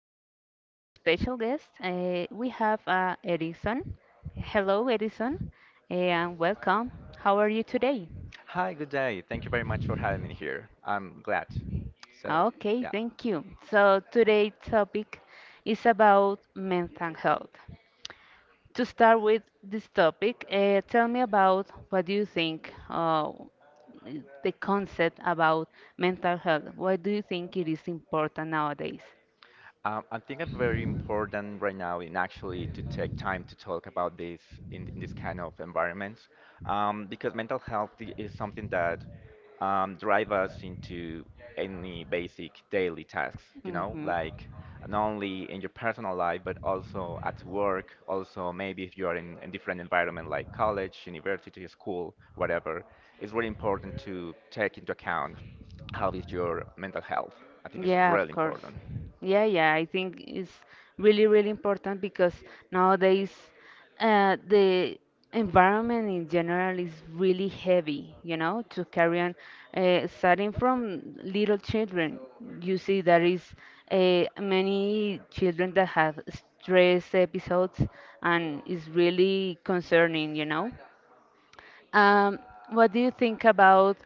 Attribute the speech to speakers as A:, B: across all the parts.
A: Today we have a special guest. We have Edison. Hello, Edison, and welcome. How are you today?
B: Hi, good day. Thank you very much for having me here. I'm glad. So,
A: Okay,
B: yeah.
A: thank you. So today's topic is about mental health. To start with this topic, tell me about what do you think the concept about mental health. Why do you think it is important nowadays?
B: I think it's very important right now in actually to take time to talk about this in this kind of environment, because mental health is something that drive us into any basic daily tasks, you know,
A: Mm-hmm.
B: like not only in your personal life, but also at work, also maybe if you are in a different environment like college, university, school, whatever, it's really important to take into account how is your mental health. I think it's
A: Yeah, of
B: really
A: course.
B: important.
A: Yeah, yeah, I think it's really, really important because nowadays the environment in general is really heavy, to carry on, starting from little children. You see, there is many children that have stress episodes, and it's really concerning. Um, what do you think about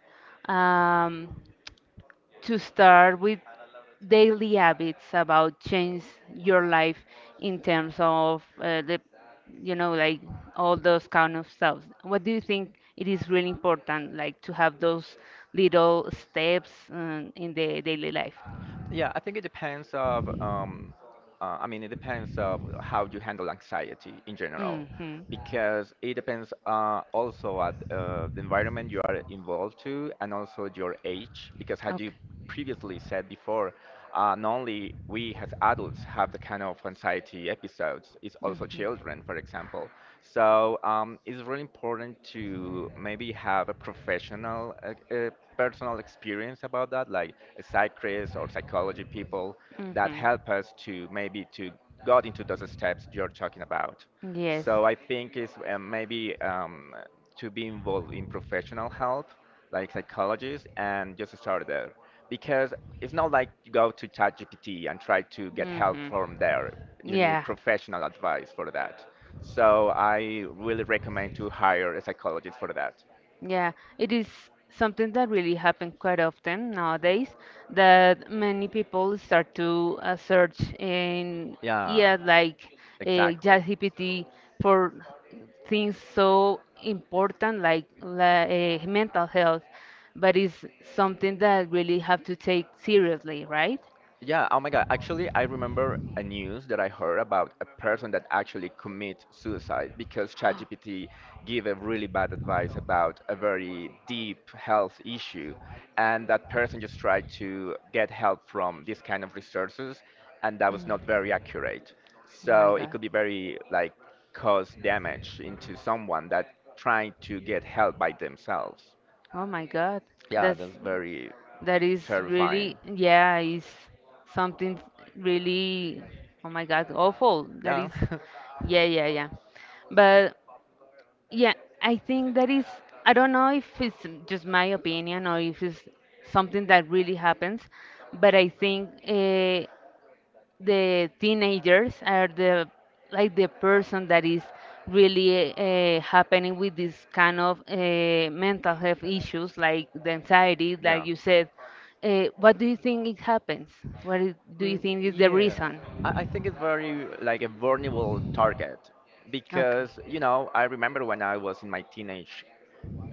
A: um, to start with daily habits about change your life in terms of the like all those kind of stuff, what do you think it is really important like to have those little steps in the daily life?
B: Yeah, I think it depends of, I mean, it depends of how you handle anxiety in general,
A: Hmm.
B: because it depends also at the environment you are involved to and also your age, because as you previously said before, not only we as adults have the kind of anxiety episodes, it's also children, for example. So it's really important to maybe have a professional personal experience about that, like psychiatrists or psychology people that
A: Mm-hmm.
B: help us to maybe to got into those steps you're talking about.
A: Yes.
B: So I think it's maybe to be involved in professional help, like psychologists, and just start there. Because it's not like you go to ChatGPT and try to get help
A: Hmm.
B: from there. You need
A: Yeah.
B: professional advice for that. So I really recommend to hire a psychologist for that.
A: Yeah, it is something that really happens quite often nowadays that many people start to search in,
B: Yeah,
A: yeah, like
B: exactly.
A: ChatGPT for things so important like mental health, but it's something that really have to take seriously, right?
B: Yeah, oh my God. Actually, I remember a news that I heard about a person that actually commit suicide because ChatGPT gave a really bad advice about a very deep health issue, and that person just tried to get help from this kind of resources, and that was not very accurate. So it could be very like cause damage into someone that trying to get help by themselves.
A: Oh my God. Yeah,
B: Yeah,
A: that's, it's
B: that's
A: very,
B: very
A: that is really,
B: terrifying.
A: yeah, is something really, oh my God, awful. That
B: Yeah.
A: is yeah, yeah, yeah. But yeah, I think that is, I don't know if it's just my opinion or if it's something that really happens, but I think the teenagers are the like the person that is really happening with this kind of mental health issues, like the anxiety that
B: Yeah.
A: you said. What do you think it happens? Do you
B: Mm,
A: think is the
B: yeah,
A: reason?
B: I think it's very like a vulnerable target
A: Okay.
B: because you know I remember when I was in my teenage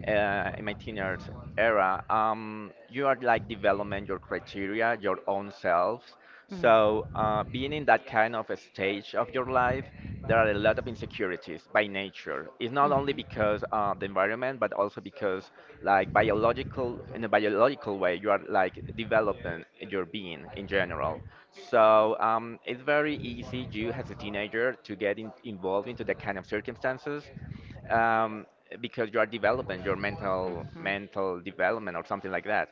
B: uh, in my teenage era, you are like developing your criteria, your own self. So being in that kind of a stage of your life, there are a lot of insecurities by nature. It's not only because of the environment, but also because like biological, in a biological way, you are like developing your being in general. So it's very easy you as a teenager to get in, involved into that kind of circumstances um, because you are developing your mental development or something like that.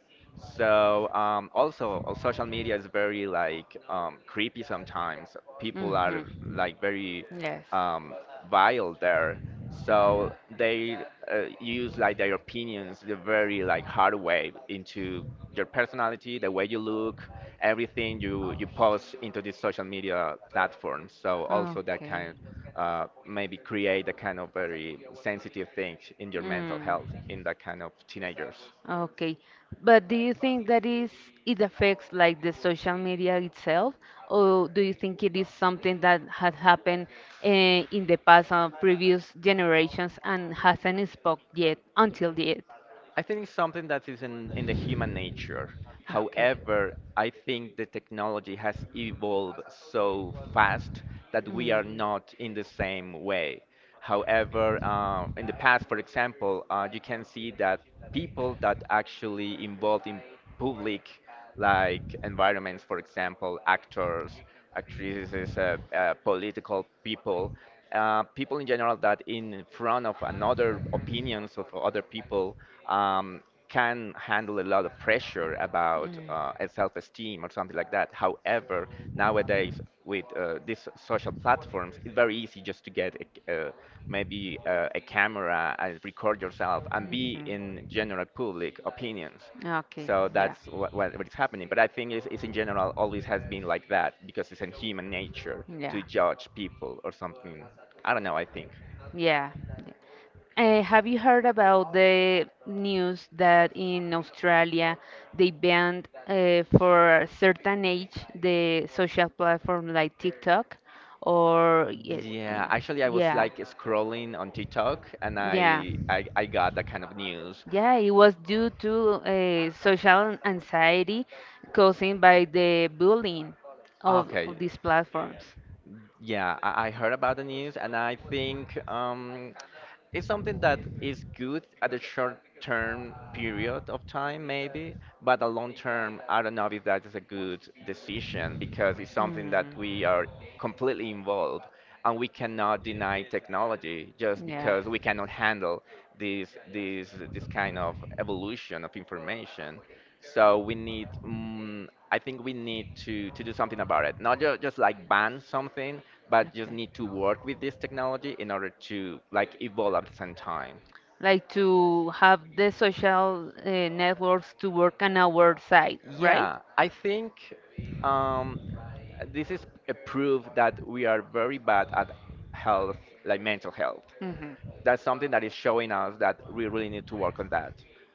B: So also, social media is very like creepy sometimes. People are
A: Mhm.
B: like very
A: Yes.
B: um, vile there. So they use like their opinions the very like hard way into your personality, the way you look, everything you post into this social media platform. So also that
A: Okay.
B: kind maybe create a kind of very sensitive thing in your mental
A: Mm.
B: health in that kind of teenagers.
A: Okay, but do you think that is it affects like the social media itself, or do you think it is something that had happened in the past or previous generations and hasn't spoke yet until yet?
B: I think it's something that is in the human nature.
A: Okay.
B: However, I think the technology has evolved so fast that we are
A: Mm.
B: not in the same way. However, in the past, for example, you can see that people that actually involved in public like environments, for example, actors, actresses, political people, people in general that in front of another opinions of other people um, can handle a lot of pressure about a self-esteem or something like that. However, nowadays with these social platforms, it's very easy just to get a, uh, a camera and record yourself and be in general public opinions. So that's what is happening. But I think it's in general always has been like that because it's in human nature
A: Yeah,
B: to judge people or something. I don't know, I think.
A: yeah. Have you heard about the news that in Australia they banned for a certain age the social platform like TikTok or yeah,
B: Yeah, actually, I was
A: yeah,
B: like scrolling on TikTok and
A: yeah.
B: I got that kind of news.
A: Yeah, it was due to social anxiety caused by the bullying of,
B: Okay.
A: of these platforms.
B: Yeah, I heard about the news, and I think it's something that is good at a short term period of time, maybe, but a long term, I don't know if that is a good decision because it's something that
A: Mm.
B: we are completely involved and we cannot deny technology just
A: Yeah.
B: because we cannot handle this kind of evolution of information. So we need, I think we need to do something about it. Not just like ban something, but just
A: Okay.
B: need to work with this technology in order to like evolve at the same time.
A: Like to have the social networks to work on our side, right?
B: Yeah, I think um, this is a proof that we are very bad at health, like mental health.
A: Hmm.
B: That's something that is showing us that we really need to work on that.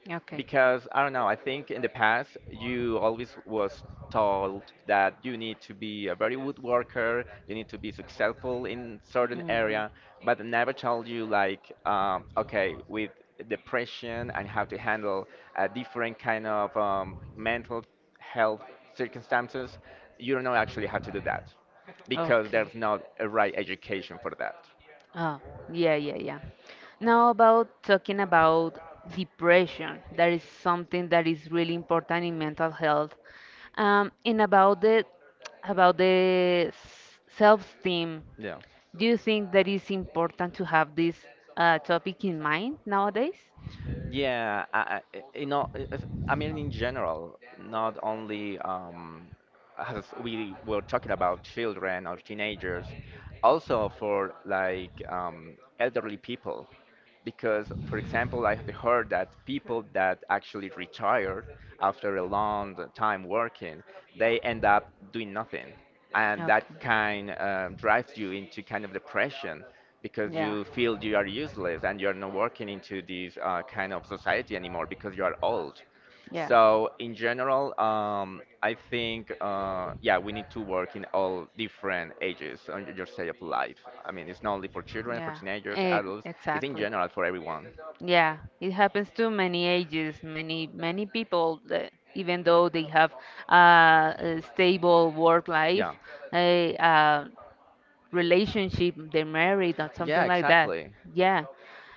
A: Okay.
B: Because I don't know, I think in the past you always was told that you need to be a very good worker, you need to be successful in certain area, but they never told you like okay with depression and how to handle a different kind of mental health circumstances, you don't know actually how to do that
A: Mhm.
B: because there's
A: Okay.
B: not a right education for that.
A: Oh, yeah, yeah, yeah. Now about talking about depression, that is something that is really important in mental health. And about the self-esteem,
B: Yeah.
A: do you think that is important to have this topic in mind nowadays?
B: Yeah, you know, I mean in general, not only as we were talking about children or teenagers, also for like elderly people because for example I have heard that people that actually retired after a long time working they end up doing nothing and that kind drives you into kind of depression because you feel you are useless and you are not working into this kind of society anymore because you are old. So in general, I think yeah, we need to work in all different ages on your stage of life. I mean, it's not only for children, for teenagers,
A: But
B: adults. It's in
A: exactly.
B: general for everyone.
A: Yeah, it happens to many ages, many people that even though they have a stable work life,
B: Yeah.
A: a, relationship, they're married or
B: Yeah,
A: something like that.
B: exactly.
A: Yeah,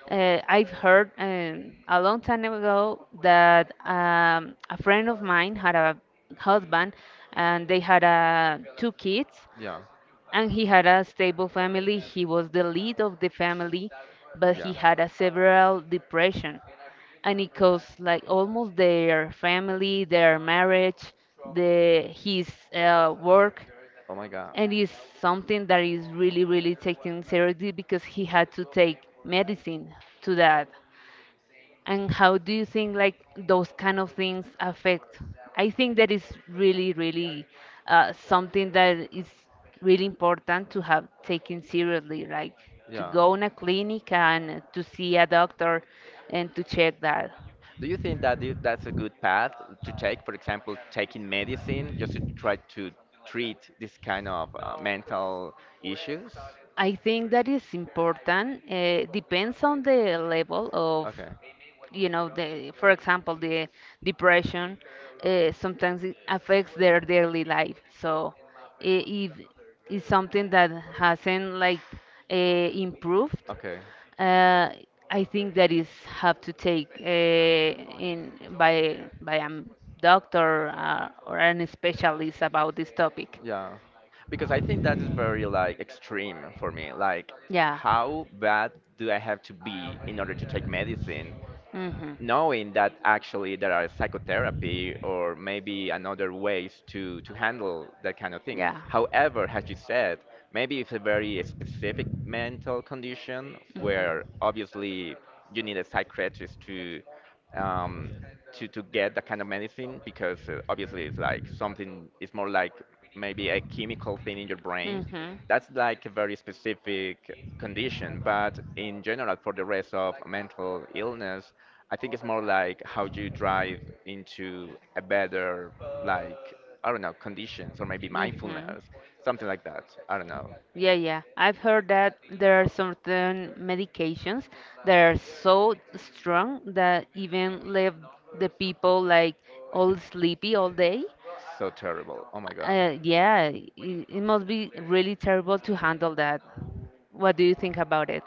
A: I've heard a long time ago that a friend of mine had a husband and they had two kids
B: Yeah.
A: and he had a stable family. He was the lead of the family, but
B: Yeah.
A: he had a several depression, and it caused like almost their family, their marriage, the his work,
B: Oh my god.
A: and it's something that is really really taken seriously because he had to take medicine to that. And how do you think like those kind of things affect? I think that is really, really something that is really important to have taken seriously, like to go in a clinic and to see a doctor and to check that.
B: Do you think that that's a good path to take? For example, taking medicine just to try to treat this kind of mental issues?
A: I think that is important. Depends on the level of,
B: Okay.
A: you know, the for example, the depression. Sometimes it affects their daily life. So if it's something that hasn't like uh, improved,
B: Okay.
A: uh, I think that is have to take in by a doctor or an specialist about this topic.
B: Yeah, because I think that is very like extreme for me. Like,
A: Yeah.
B: how bad do I have to be in order to take medicine?
A: Hmm.
B: Knowing that actually there are psychotherapy or maybe another ways to handle that kind of thing.
A: Yeah.
B: However, as you said, maybe it's a very specific mental condition where obviously you need a psychiatrist to um, to get that kind of medicine because obviously it's like something it's more like maybe a chemical thing in your brain.
A: Mhm. Mhm.
B: That's like a very specific condition, but in general for the rest of mental illness, I think it's more like how you drive into a better, like, I don't know, conditions or maybe
A: Hmm.
B: mindfulness, something like that. I don't know.
A: Yeah, yeah. I've heard that there are certain medications that are so strong that even leave the people like all sleepy all day.
B: So terrible. Oh my God.
A: Yeah, it must be really terrible to handle that. What do you think about it?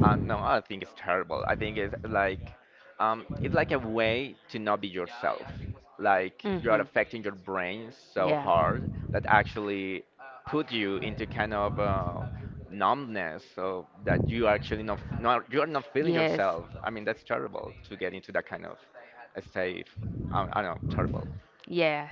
B: No, I think it's terrible. I think it's like a way to not be yourself. Like you are
A: Mhm.
B: affecting your brain so hard that actually put you into kind of numbness, so that you are actually not you are not
A: Yeah.
B: feeling
A: Yes.
B: yourself. I mean, that's terrible to get into that kind of state. I don't know, terrible.
A: Yeah.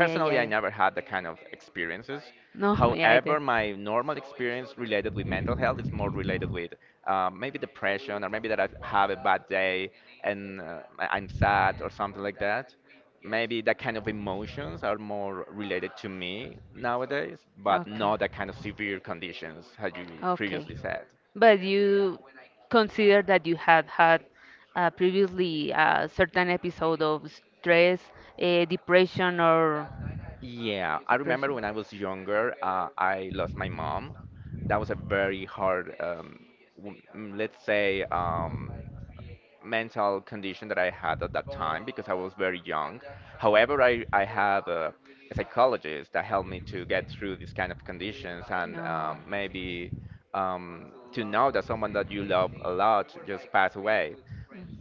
A: Yeah, yeah,
B: I
A: yeah.
B: never had that kind of experiences.
A: No, me either.
B: However, my normal experience related with mental health is more related with maybe depression or maybe that I have a bad day and I'm sad or something like that. Maybe that kind of emotions are more related to me nowadays, but
A: Okay.
B: not that kind of severe conditions as you
A: Okay.
B: previously said.
A: But you consider that you had had previously a certain episode of stress, depression, or
B: Yeah, I remember
A: depression.
B: when I was younger, I lost my mom. That was a very hard, let's say, mental condition that I had at that time because I was very young. However, I have a psychologist that helped me to get through these kind of conditions and
A: No.
B: maybe um, to know that someone that you love a lot just passed away.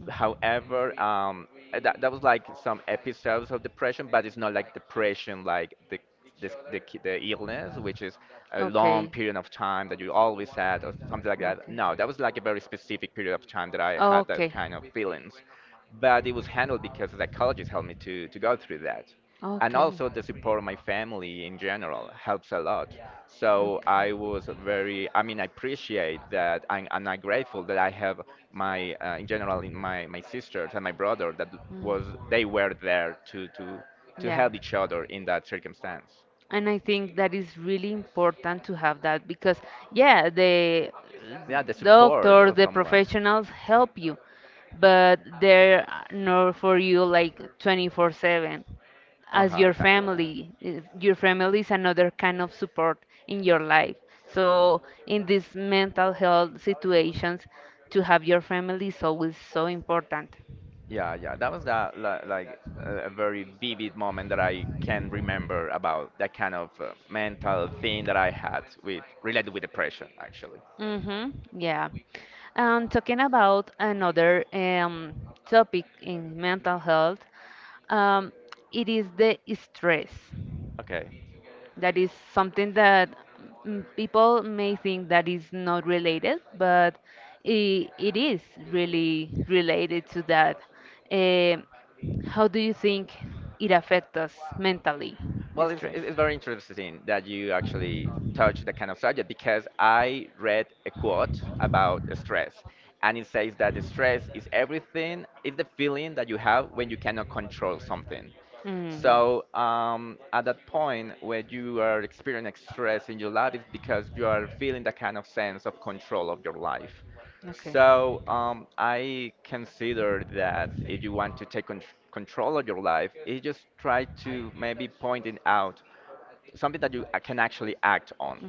B: However, that was like some episodes of depression, but it's not like depression, like the this, the, ki- the illness, which is a long period of time that you always had, or something like that. No, that was like a very specific period of time that I had that kind of feelings. But it was handled because the psychologist helped me to go through that. And
A: Okay. Okay.
B: also the support of my family in general helps a lot. So I was very, I mean, I appreciate that, and I'm grateful that I have in general, in my sisters and my brother that was they were there to
A: Yeah.
B: help each other in that circumstance.
A: And I think that is really important to have that because, yeah, the
B: Yeah, the support
A: doctors,
B: of
A: the
B: someone.
A: professionals help you, but they're not for you like 24/7 as
B: Uh-huh,
A: your
B: exactly.
A: family. Your family is another kind of support in your life. So, in these mental health situations, to have your family is always so important.
B: Yeah, that was like a very vivid moment that I can remember about that kind of mental thing that I had with related with depression, actually.
A: Mm-hmm. Yeah. And talking about another topic in mental health, um, it is the stress.
B: Okay.
A: That is something that people may think that is not related, but it is really related to that. Eh, how do you think it affects us mentally, the
B: Well, it's,
A: stress?
B: it- it's very interesting that you actually touch the kind of subject because I read a quote about stress, and it says that the stress is everything, is the feeling that you have when you cannot control something.
A: Mhm.
B: So at that point, when you are experiencing stress in your life, it's because you are feeling that kind of sense of control of your life. So I consider that if you want to take control of your life, you just try to maybe point it out something that you can actually act on.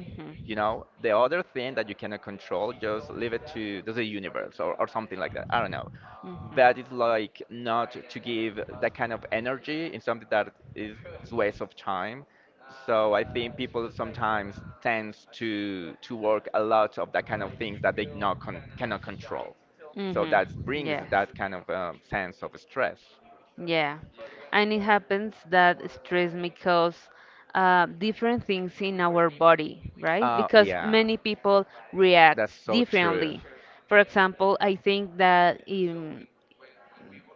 B: You know, the other thing that you cannot control, just leave it to the universe or something like that. I don't know. But it's like not to give that kind of energy in something that is waste of time. So I think people sometimes tends to work a lot of that kind of things that they not con cannot control. So that brings that kind of sense of stress.
A: Yeah, and it happens that stress may cause different things in our body, right? Because
B: Yeah,
A: many people
B: that's
A: react
B: so true.
A: differently. For example, I think that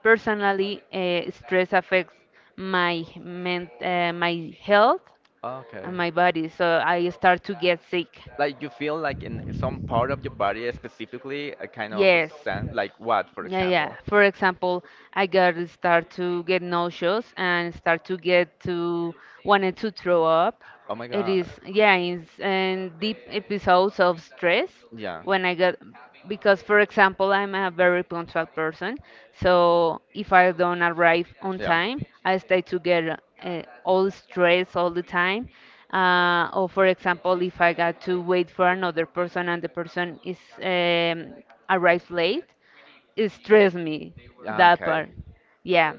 A: personally, stress affects my health
B: Okay.
A: and my body, so I start to get sick.
B: Like you feel like in some part of your body specifically a kind of
A: Yes.
B: like what, for
A: Yeah, yeah.
B: example?
A: For example, I got to start to get nauseous and start to get to wanted to throw up.
B: Oh my
A: It
B: God.
A: is yeah, it's and deep episodes of stress
B: Yeah.
A: when I got because for example, I'm a very punctual person, so if I don't arrive on
B: Yeah.
A: time, I start to get all stress all the time. Or for example, if I got to wait for another person and the person is arrived late it stressed me,
B: Yeah,
A: that
B: okay.
A: part. Yeah.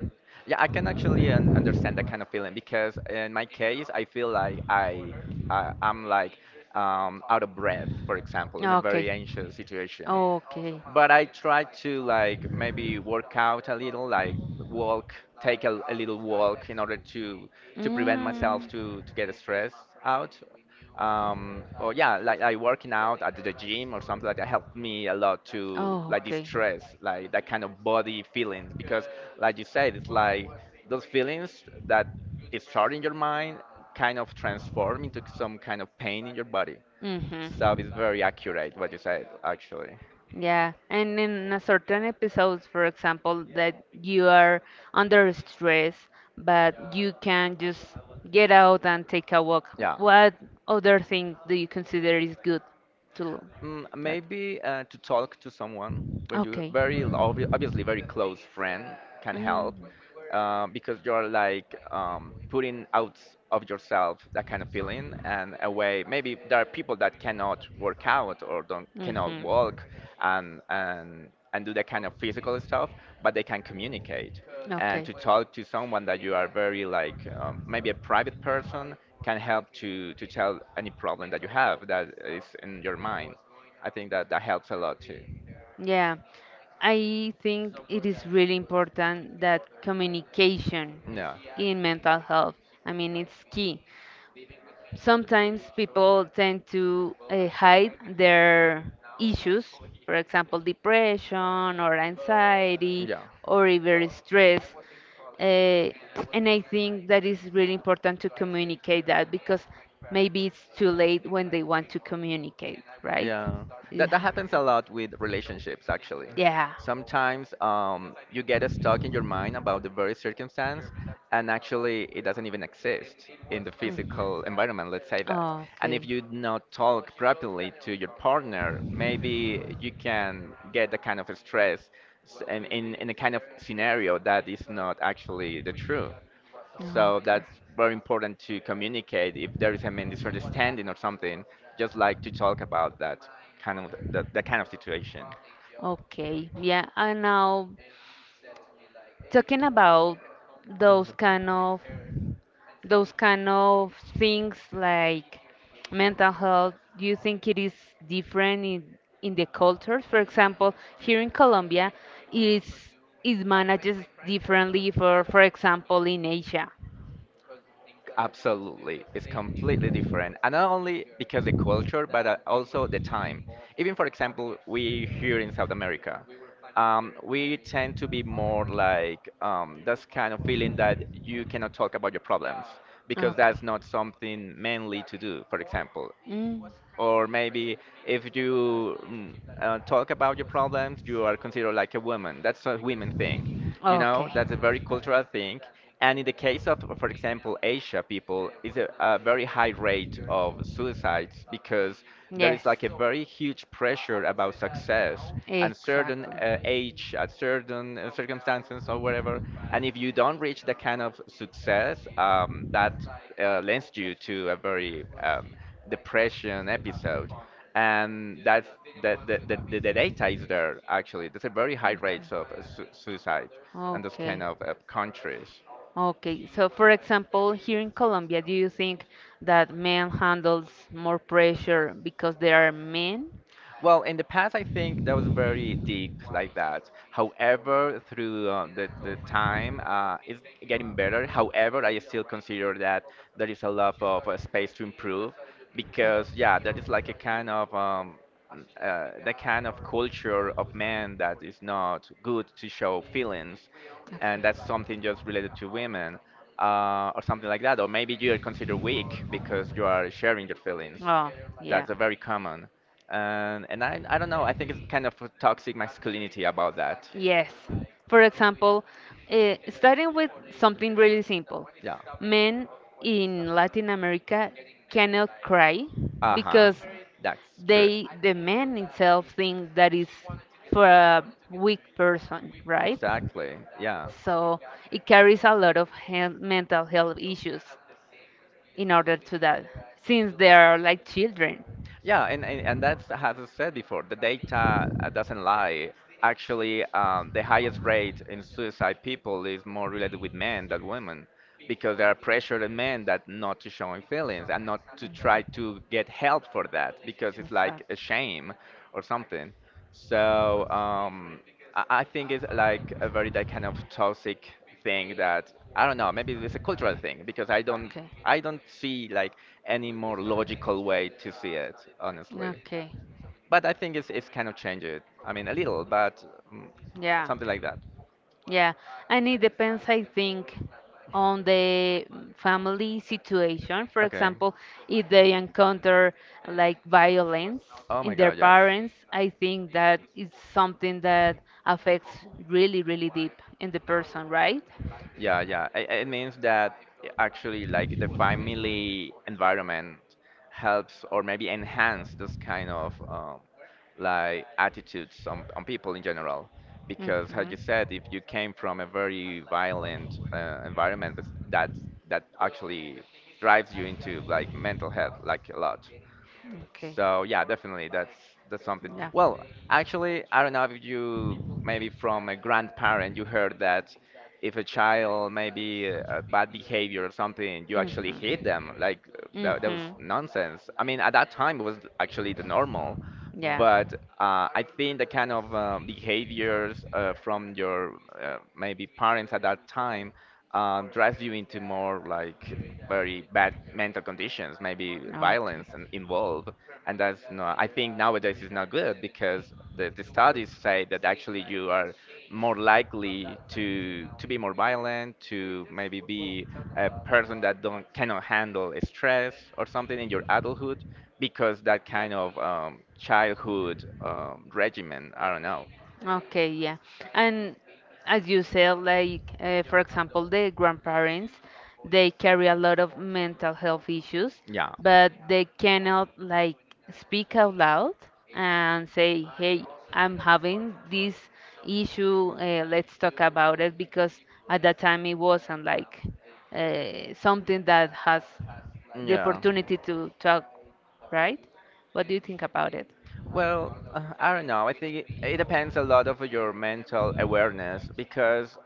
B: Yeah, I can actually un understand that kind of feeling because in my case, I feel like I'm like out of breath, for example, in a very
A: Okay.
B: anxious situation
A: Okay.
B: but I try to like maybe work out a little, like walk, take a little walk in order to prevent myself
A: Mm.
B: to get stressed out. Or yeah, like I working out at the gym or something like that helped me a lot to
A: Oh,
B: like
A: okay.
B: distress, like that kind of body feelings because like you said, it's like those feelings that is start
A: Is,
B: in your mind kind of transform into some kind of pain in your body.
A: it's. Hmm.
B: So it's very accurate what you said actually.
A: Yeah, and in a certain episodes, for example, that you are under stress, but you can just get out and take a walk. Yeah. What other thing do you consider is good to
B: Mm,
A: that?
B: maybe to talk to someone when you
A: Okay.
B: very obviously very close friend can
A: Mm.
B: help because you're like putting out of yourself that kind of feeling and a way maybe there are people that cannot work out or don't cannot
A: Mhm.
B: walk and do that kind of physical stuff but they can communicate and to talk to someone that you are very like maybe a private person can help to tell any problem
A: Okay.
B: that you have that is in your mind. I think that that helps a lot too.
A: Yeah, I think it is really important that communication
B: Yeah.
A: in mental health, I mean, it's key. Sometimes people tend to hide their issues, for example, depression or anxiety
B: Yeah.
A: or even stress. Uh, and I think that is really important to communicate that because maybe it's too late when they want to communicate, right?
B: Yeah,
A: Yeah.
B: that happens a lot with relationships actually. Sometimes you get stuck in your mind about the very circumstance, and actually it doesn't
A: Yeah.
B: even exist in the
A: Mm.
B: physical environment. Let's say that.
A: Oh,
B: And if
A: okay. Ah,
B: you not talk properly to your partner, maybe you can get the kind of stress in in a kind of scenario that is not actually the true. So
A: okay.
B: that's very important to communicate if there is a misunderstanding or something, just like to talk about that that kind of situation.
A: Okay, yeah, and now talking about those kind of those kind of things like mental health, do you think it is different in the cultures? For example, here in Colombia, it is it manages differently for example in Asia.
B: Absolutely, it's completely different, and not only because the culture, but also the time. Even for example, we here in South America, we tend to be more like this kind of feeling that you cannot talk about your problems because
A: Okay.
B: that's not something manly to do, for example.
A: Mm.
B: Or maybe if you talk about your problems, you are considered like a woman. That's a women thing, you know.
A: Okay.
B: That's a very cultural thing. And in the case of, for example, Asia people, is a very high rate of suicides because there
A: Yes.
B: is like a very huge pressure about success and certain
A: Exactly.
B: age, at certain circumstances or whatever. And if you don't reach that kind of success, that lends you to a very depression episode, and that's the data is there. Actually there's a very high rates of suicide in those kind
A: Okay. Okay.
B: of countries.
A: Okay. So, for example, here in Colombia, do you think that men handles more pressure because they are men?
B: Well, in the past, I think that was very deep like that. However, through the time, it's getting better. However, I still consider that there is a lot of space to improve
A: Okay.
B: because, yeah, there is like a kind of the kind of culture of men that is not good to show feelings and that's something just related to women, or something like that. Or maybe you are considered weak because you are sharing your feelings.
A: Okay. Oh, yeah.
B: That's a very common. And, I don't know, I think it's kind of a toxic masculinity about that.
A: Yes. For example, starting with something really simple.
B: Yeah.
A: Men in Latin America cannot cry
B: Uh huh.
A: because
B: That's true.
A: they, the man itself, think that is for a weak person, right?
B: Exactly. Yeah.
A: So it carries a lot of health, mental health issues in order to that, since they are like children.
B: Yeah, and that's, as I said before, the data doesn't lie. Actually, the highest rate in suicide people is more related with men than women because there are pressure on men that not to showing feelings and not to try to get help for that because
A: In
B: it's like
A: fact,
B: a shame or something. So I think it's like a very that kind of toxic thing that I don't know. Maybe it's a cultural thing because
A: okay.
B: I don't see like any more logical way to see it honestly.
A: Okay.
B: But I think it's kind of changed it. I mean a little, but mm,
A: Yeah.
B: something like that.
A: Yeah, and it depends, I think, on the family situation. For
B: Okay.
A: example, if they encounter like violence
B: Oh my
A: in their
B: God, yes.
A: parents, I think that is something that affects really, really deep in the person, right?
B: Yeah, yeah. It means that actually, like, the family environment helps or maybe enhance this kind of like attitudes on people in general. Because, as you
A: Mhm.
B: said, if you came from a very violent environment, that that actually drives you into like mental health like a lot.
A: Okay.
B: So yeah, definitely that's something.
A: Yeah.
B: Well, actually, I don't know if you maybe from a grandparent you heard that if a child maybe a bad behavior or something, you actually hit
A: Hmm.
B: them. Like that
A: Hmm.
B: was nonsense. I mean, at that time it was actually the normal,
A: Yeah.
B: but I think the kind of behaviors from your maybe parents at that time drives you into more like very bad mental conditions, maybe
A: Okay.
B: violence and involved. And that's not, I think nowadays is not good because the studies say that actually you are more likely to be more violent, to maybe be a person that don't cannot handle stress or something in your adulthood because that kind of childhood regimen. I don't know.
A: Okay, yeah. And as you said, like for example, the grandparents, they carry a lot of mental health issues,
B: Yeah.
A: but they cannot like speak out loud and say, "Hey, I'm having
B: Am.
A: this issue. Let's talk about it," because at that time it wasn't like something that has the
B: Yeah.
A: opportunity to talk, right? What do you think about it?
B: Well, I don't know. I think it depends a lot of your mental awareness because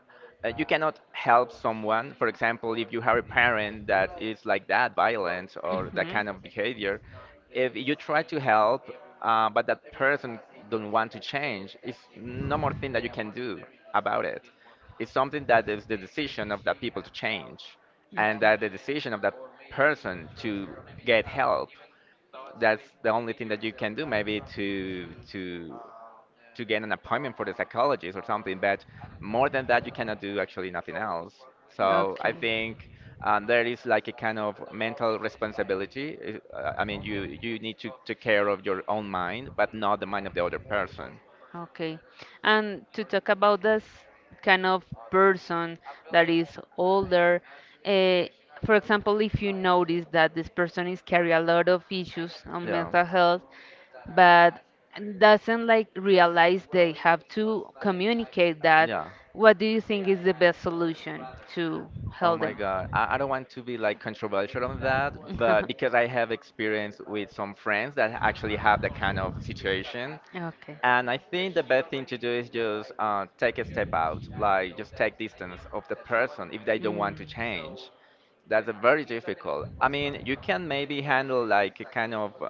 B: you cannot help someone. For example, if you have a parent that is like that, violent or that kind of behavior, if you try to help, but that person don't want to change, it's no more thing that you can do about it. It's something that is the decision of that people to change, and that the decision of that person to get help. That's the only thing that you can do, maybe to to get an appointment for the psychologist or something, but more than that you cannot do actually nothing else. So I
A: Okay.
B: think there is like a kind of mental responsibility. I mean you need to take care of your own mind but not the mind of the other person.
A: Okay. And to talk about this kind of person that is older, uh, for example, if you notice that this person is carry a lot of issues on
B: Yeah.
A: mental health, but doesn't like realize they have to communicate that,
B: Yeah.
A: what do you think is the best solution to
B: Oh
A: help
B: my
A: them?
B: God. I don't want to be like controversial on that, but because I have experience with some friends that actually have that kind of situation.
A: Okay.
B: And I think the best thing to do is just take a step out, like just take distance of the person if they don't want to
A: Mm.
B: change. That's a very difficult. I mean, you can maybe handle like a kind of,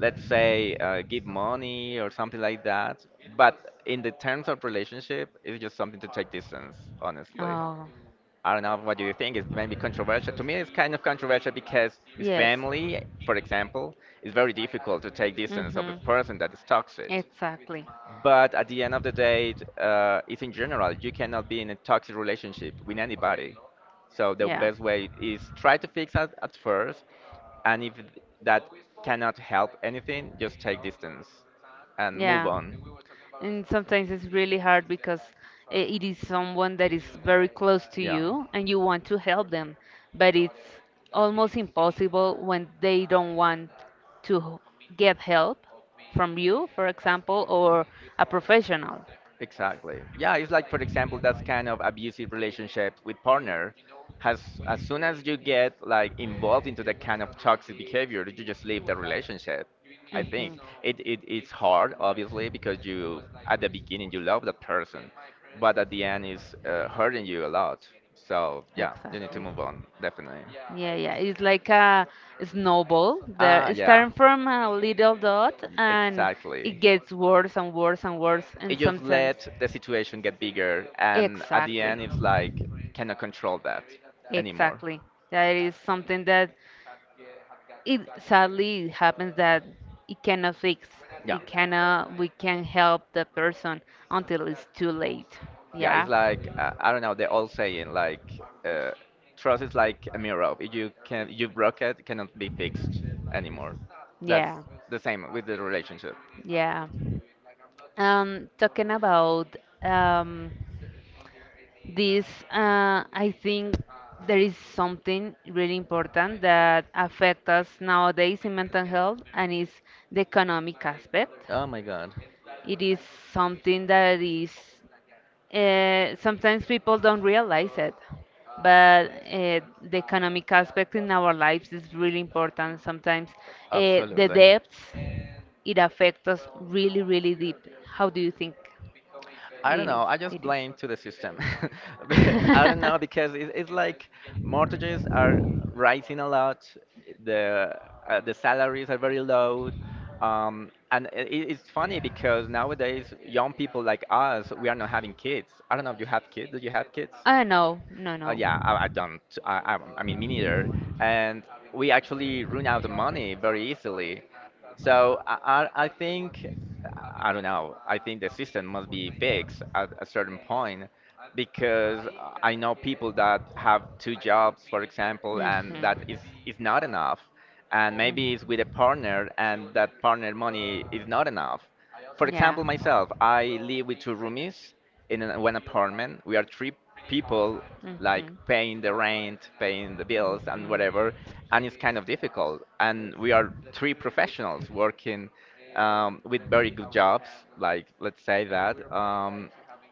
B: let's say, give money or something like that. But in the terms of relationship, it's just something to take distance, honestly.
A: Oh,
B: I don't know what do you think. It's maybe controversial. To me, it's kind of controversial because his
A: yes.
B: family, for example, is very difficult to take distance of a
A: Mm-hmm.
B: person that is toxic.
A: Exactly.
B: But at the end of the day, it's in general. You cannot be in a toxic relationship with anybody. So the
A: Yeah.
B: best way is try to fix it at first, and if that cannot help anything, just take distance and move
A: Yeah.
B: on.
A: And sometimes it's really hard because it is someone that is very close to
B: Yeah.
A: you and you want to help them, but it's almost impossible when they don't want to get help from you, for example, or a professional.
B: Exactly. Yeah, it's like for example, that's kind of abusive relationship with partner. Has As soon as you get like involved into that kind of toxic behavior, you just leave the relationship. I think
A: Mhm.
B: it it's hard, obviously, because you at the beginning you love that person, but at the end it's hurting you a lot. So yeah, you need to
A: Exactly.
B: move on, definitely.
A: Yeah, yeah. It's like a snowball. There,
B: Ah,
A: it's
B: yeah,
A: starting from a little dot, and it
B: exactly.
A: gets worse and worse and worse,
B: It
A: and
B: just
A: sometimes.
B: let the situation get bigger, and at the
A: Exactly.
B: end, it's like cannot control that anymore.
A: Exactly. That is something that it sadly happens that it cannot fix.
B: Yeah,
A: It cannot. We can't help the person until it's too late.
B: yeah. It's
A: Yeah.
B: like I don't know. They're all saying like trust is like a mirror. If you can you broke it, it cannot be fixed anymore. That's
A: Yeah.
B: the same with the relationship.
A: Yeah. Talking about um, this, I think, there is something really important that affects us nowadays in mental health, and is the economic aspect.
B: Oh my God,
A: It is something that is sometimes people don't realize it, but the economic aspect in our lives is really important. Sometimes the
B: absolutely.
A: debts it affects us really, really deep. How do you think
B: I don't
A: it,
B: know. I just
A: it is?
B: blame to the system. But I don't know because it's like mortgages are rising a lot. The the salaries are very low. And it's funny because nowadays young people like us, we are not having kids. I don't know if you have kids. Do you have kids?
A: No, no, no.
B: Yeah, I don't. I mean, me neither. And we actually run out of money very easily. So I think, I don't know. I think the system must be fixed at a certain point because I know people that have two jobs, for example, and is not enough. And maybe it's with a partner, and that partner money is not enough. For example, myself, I live with two roomies in one apartment. We are three people like paying the rent, paying the bills, and whatever. And it's kind of difficult. And we are three professionals working with very good jobs, like let's say that.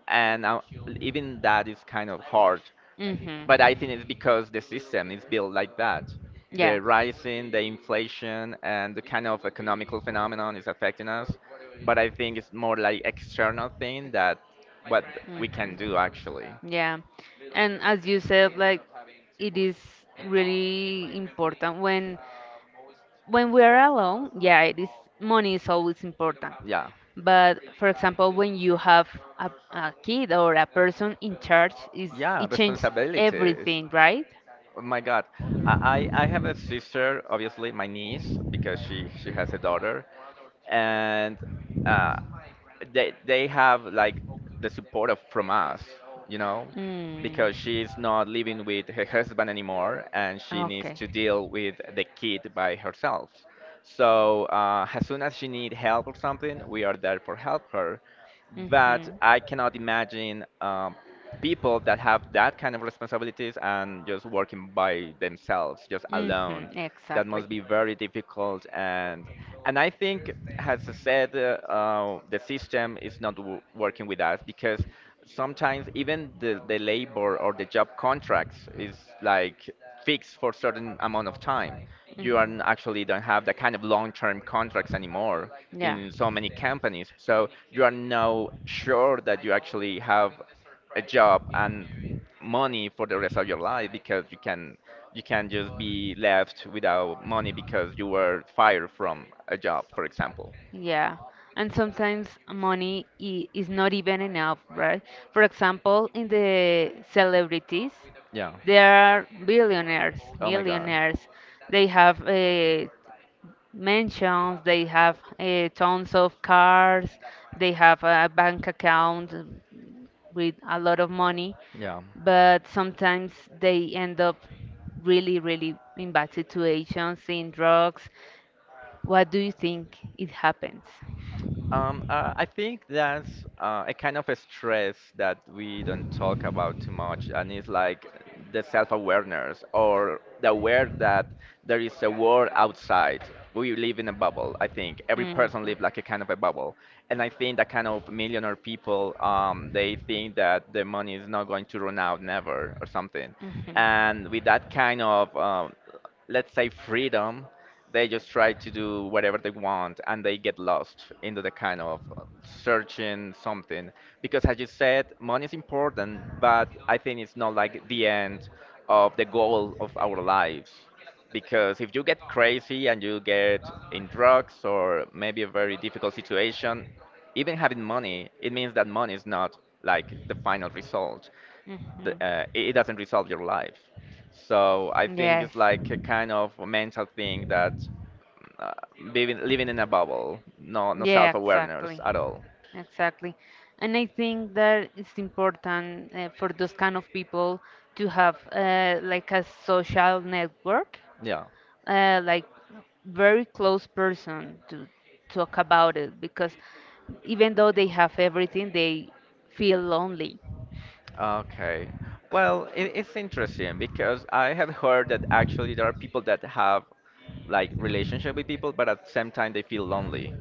B: And Even that is kind of hard. But I think it's because the system is built like that.
A: Yeah.
B: The rising, the inflation, and the kind of economical phenomenon is affecting us. But I think it's more like external thing that what we can
A: Mhm.
B: do actually.
A: Yeah. And as you said, like it is really important when we are alone, yeah, it is money is always important.
B: Yeah.
A: But for example, when you have a kid or a person in charge, is
B: Yeah,
A: it changes
B: responsibilities.
A: everything, right?
B: Oh my God, I have a sister, obviously my niece, because she has a daughter, and uh, they have like the support of from us, you know,
A: Mm.
B: because she's not living with her husband anymore, and she needs
A: Okay.
B: to deal with the kid by herself. So as soon as she need help or something, we are there for help her, but I cannot imagine people that have that kind of responsibilities and just working by themselves, just alone. That must be very difficult, and I think, as I said, the system is not w working with us because sometimes even the labor or the job contracts is like fixed for certain amount of time. You are actually don't have the kind of long-term contracts anymore in so many companies. So you are now sure that you actually have a job and money for the rest of your life because you can just be left without money because you were fired from a job, for example.
A: Yeah, and sometimes money is not even enough, right? For example, in the celebrities,
B: Yeah.
A: there are billionaires,
B: Oh my God.
A: millionaires. They have mansions, they have tons of cars, they have a bank account with a lot of money,
B: Yeah.
A: but sometimes they end up really, really in bad situations, in drugs. What do you think it happens?
B: I think that's a kind of a stress that we don't talk about too much, and it's like the self-awareness or the aware that there is a world outside. We live in a bubble, I think. Every
A: Mhm.
B: person
A: Mhm.
B: lives like a kind of a bubble, and I think that kind of millionaire people, they think that the money is not going to run out never or something. And with that kind of let's say freedom, they just try to do whatever they want, and they get lost into the kind of searching something, because as you said, money is important, but I think it's not like the end of the goal of our lives, because if you get crazy and you get in drugs or maybe a very difficult situation, even having money, it means that money is not like the final result.
A: Mhm.
B: It it doesn't resolve your life. So I think
A: Yes.
B: it's like a kind of a mental thing that uh, living in a bubble, no
A: Yeah,
B: self awareness
A: exactly.
B: at all.
A: Exactly. And I think that it's important for those kind of people to have like a social network
B: Yeah.
A: like very close person to talk about it because even though they have everything, they feel lonely.
B: Okay. Well, it's interesting because I have heard that actually there are people that have like relationship with people, but at the same time they feel lonely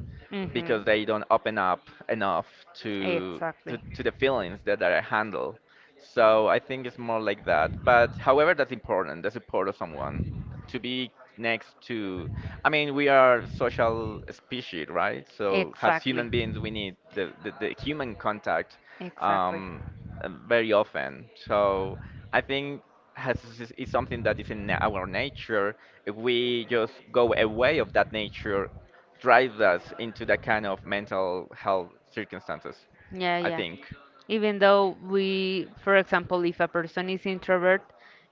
B: because
A: Mhm.
B: they don't open up enough to
A: Exactly.
B: to the feelings that they handle. So I think it's more like that. But however, that's important, the support of someone to be next to. I mean, we are social species, right? So as
A: Exactly.
B: human beings, we need the human contact.
A: Exactly.
B: Um, very often. So I think something that is in our nature. If we just go away of that nature, drives us into that kind of mental health circumstances.
A: Yeah,
B: I
A: yeah.
B: think.
A: Even though we, for example, if a person is introvert,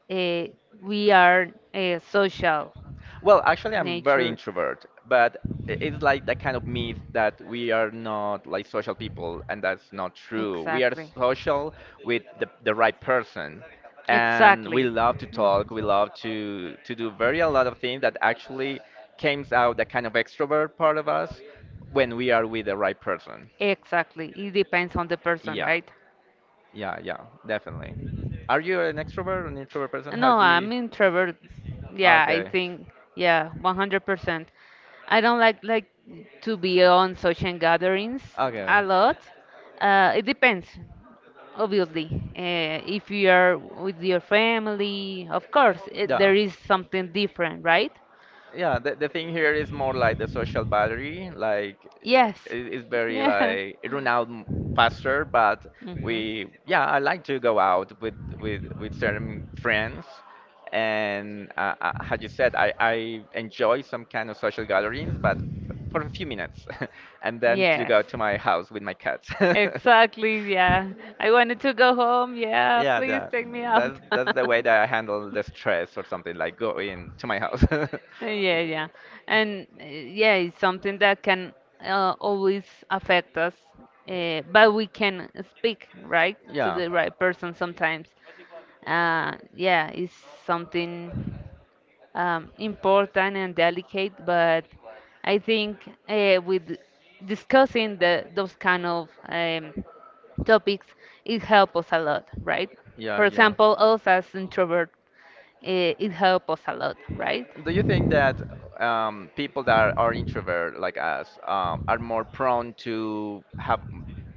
A: uh, we are a social
B: Well, actually, I'm very
A: nature.
B: introvert, but it's like that kind of myth that we are not like social people, and that's not true. We are
A: Exactly.
B: social with the right person, and
A: Exactly.
B: we love to talk.
A: Mhm.
B: We love to do very a lot of things that actually came out the kind of extrovert part of us when we are with the right person.
A: Exactly. It depends on the person,
B: Yeah,
A: right?
B: yeah, yeah, definitely. Are you an extrovert or an introvert person? How
A: No,
B: do you?
A: I'm introvert. Yeah, I
B: Okay,
A: think yeah, 100%. I don't like to be on social gatherings
B: okay.
A: a lot. It depends, obviously. If you are with your family, of course,
B: Yeah.
A: there is something different, right?
B: Yeah, the thing here is more like the social battery. Like
A: Yes.
B: it's very like it run
A: Yeah.
B: out faster, but
A: Mhm.
B: we yeah, I like to go out with with certain friends, and as you said, I enjoy some kind of social gatherings, but for a few minutes, and then to
A: Yeah.
B: go to my house with my cat.
A: Exactly, yeah. I wanted to go home. Yeah,
B: Yeah,
A: please
B: yeah.
A: take me out.
B: That's the way that I handle the stress or something, like go in to my house.
A: Yeah, yeah. And yeah, it's something that can always affect us, but we can speak, right, to
B: Yeah.
A: the right person sometimes. Yeah, it's something important and delicate, but I think with discussing those kind of topics, it helps us a lot, right?
B: Yeah,
A: For
B: yeah.
A: example, us as introvert, it helps us a lot, right?
B: Do you think that people that are introvert like us are more prone to have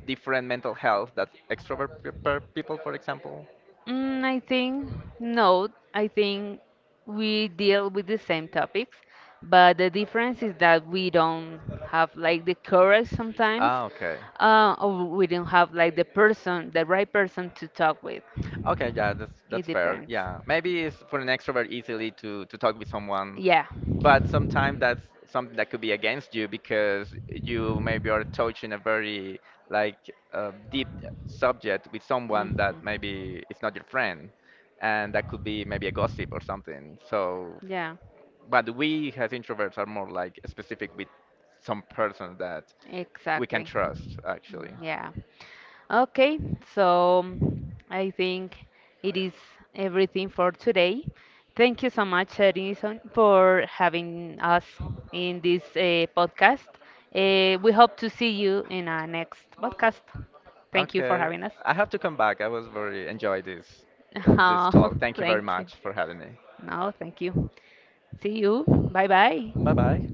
B: different mental health that extrovert people, for example?
A: Mm, I think no. I think we deal with the same topics, but the difference is that we don't have like the courage sometimes,
B: Ah, okay.
A: or we don't have like the person, the right person to talk with.
B: Okay, yeah, that's
A: It
B: fair.
A: depends.
B: Yeah, maybe it's for an extrovert easily to talk with someone,
A: Yeah.
B: but sometimes that's something that could be against you because you maybe are touching a very like deep subject with someone that
A: Mhm.
B: maybe is not your friend, and that could be maybe a gossip or something. So,
A: Yeah,
B: but we as introverts are more like specific with some person that we can
A: exactly.
B: trust
A: Mm,
B: actually.
A: yeah. Okay, so I think it is everything for today. Thank you so much, Edison, for having us in this podcast. We hope to see you in our next podcast. Thank you for
B: Okay,
A: having us.
B: I have to come back. I was very enjoy this this
A: Oh,
B: talk. Thank you very
A: thank you.
B: much for having me.
A: No, thank you. See you. Bye
B: Bye
A: bye.
B: bye.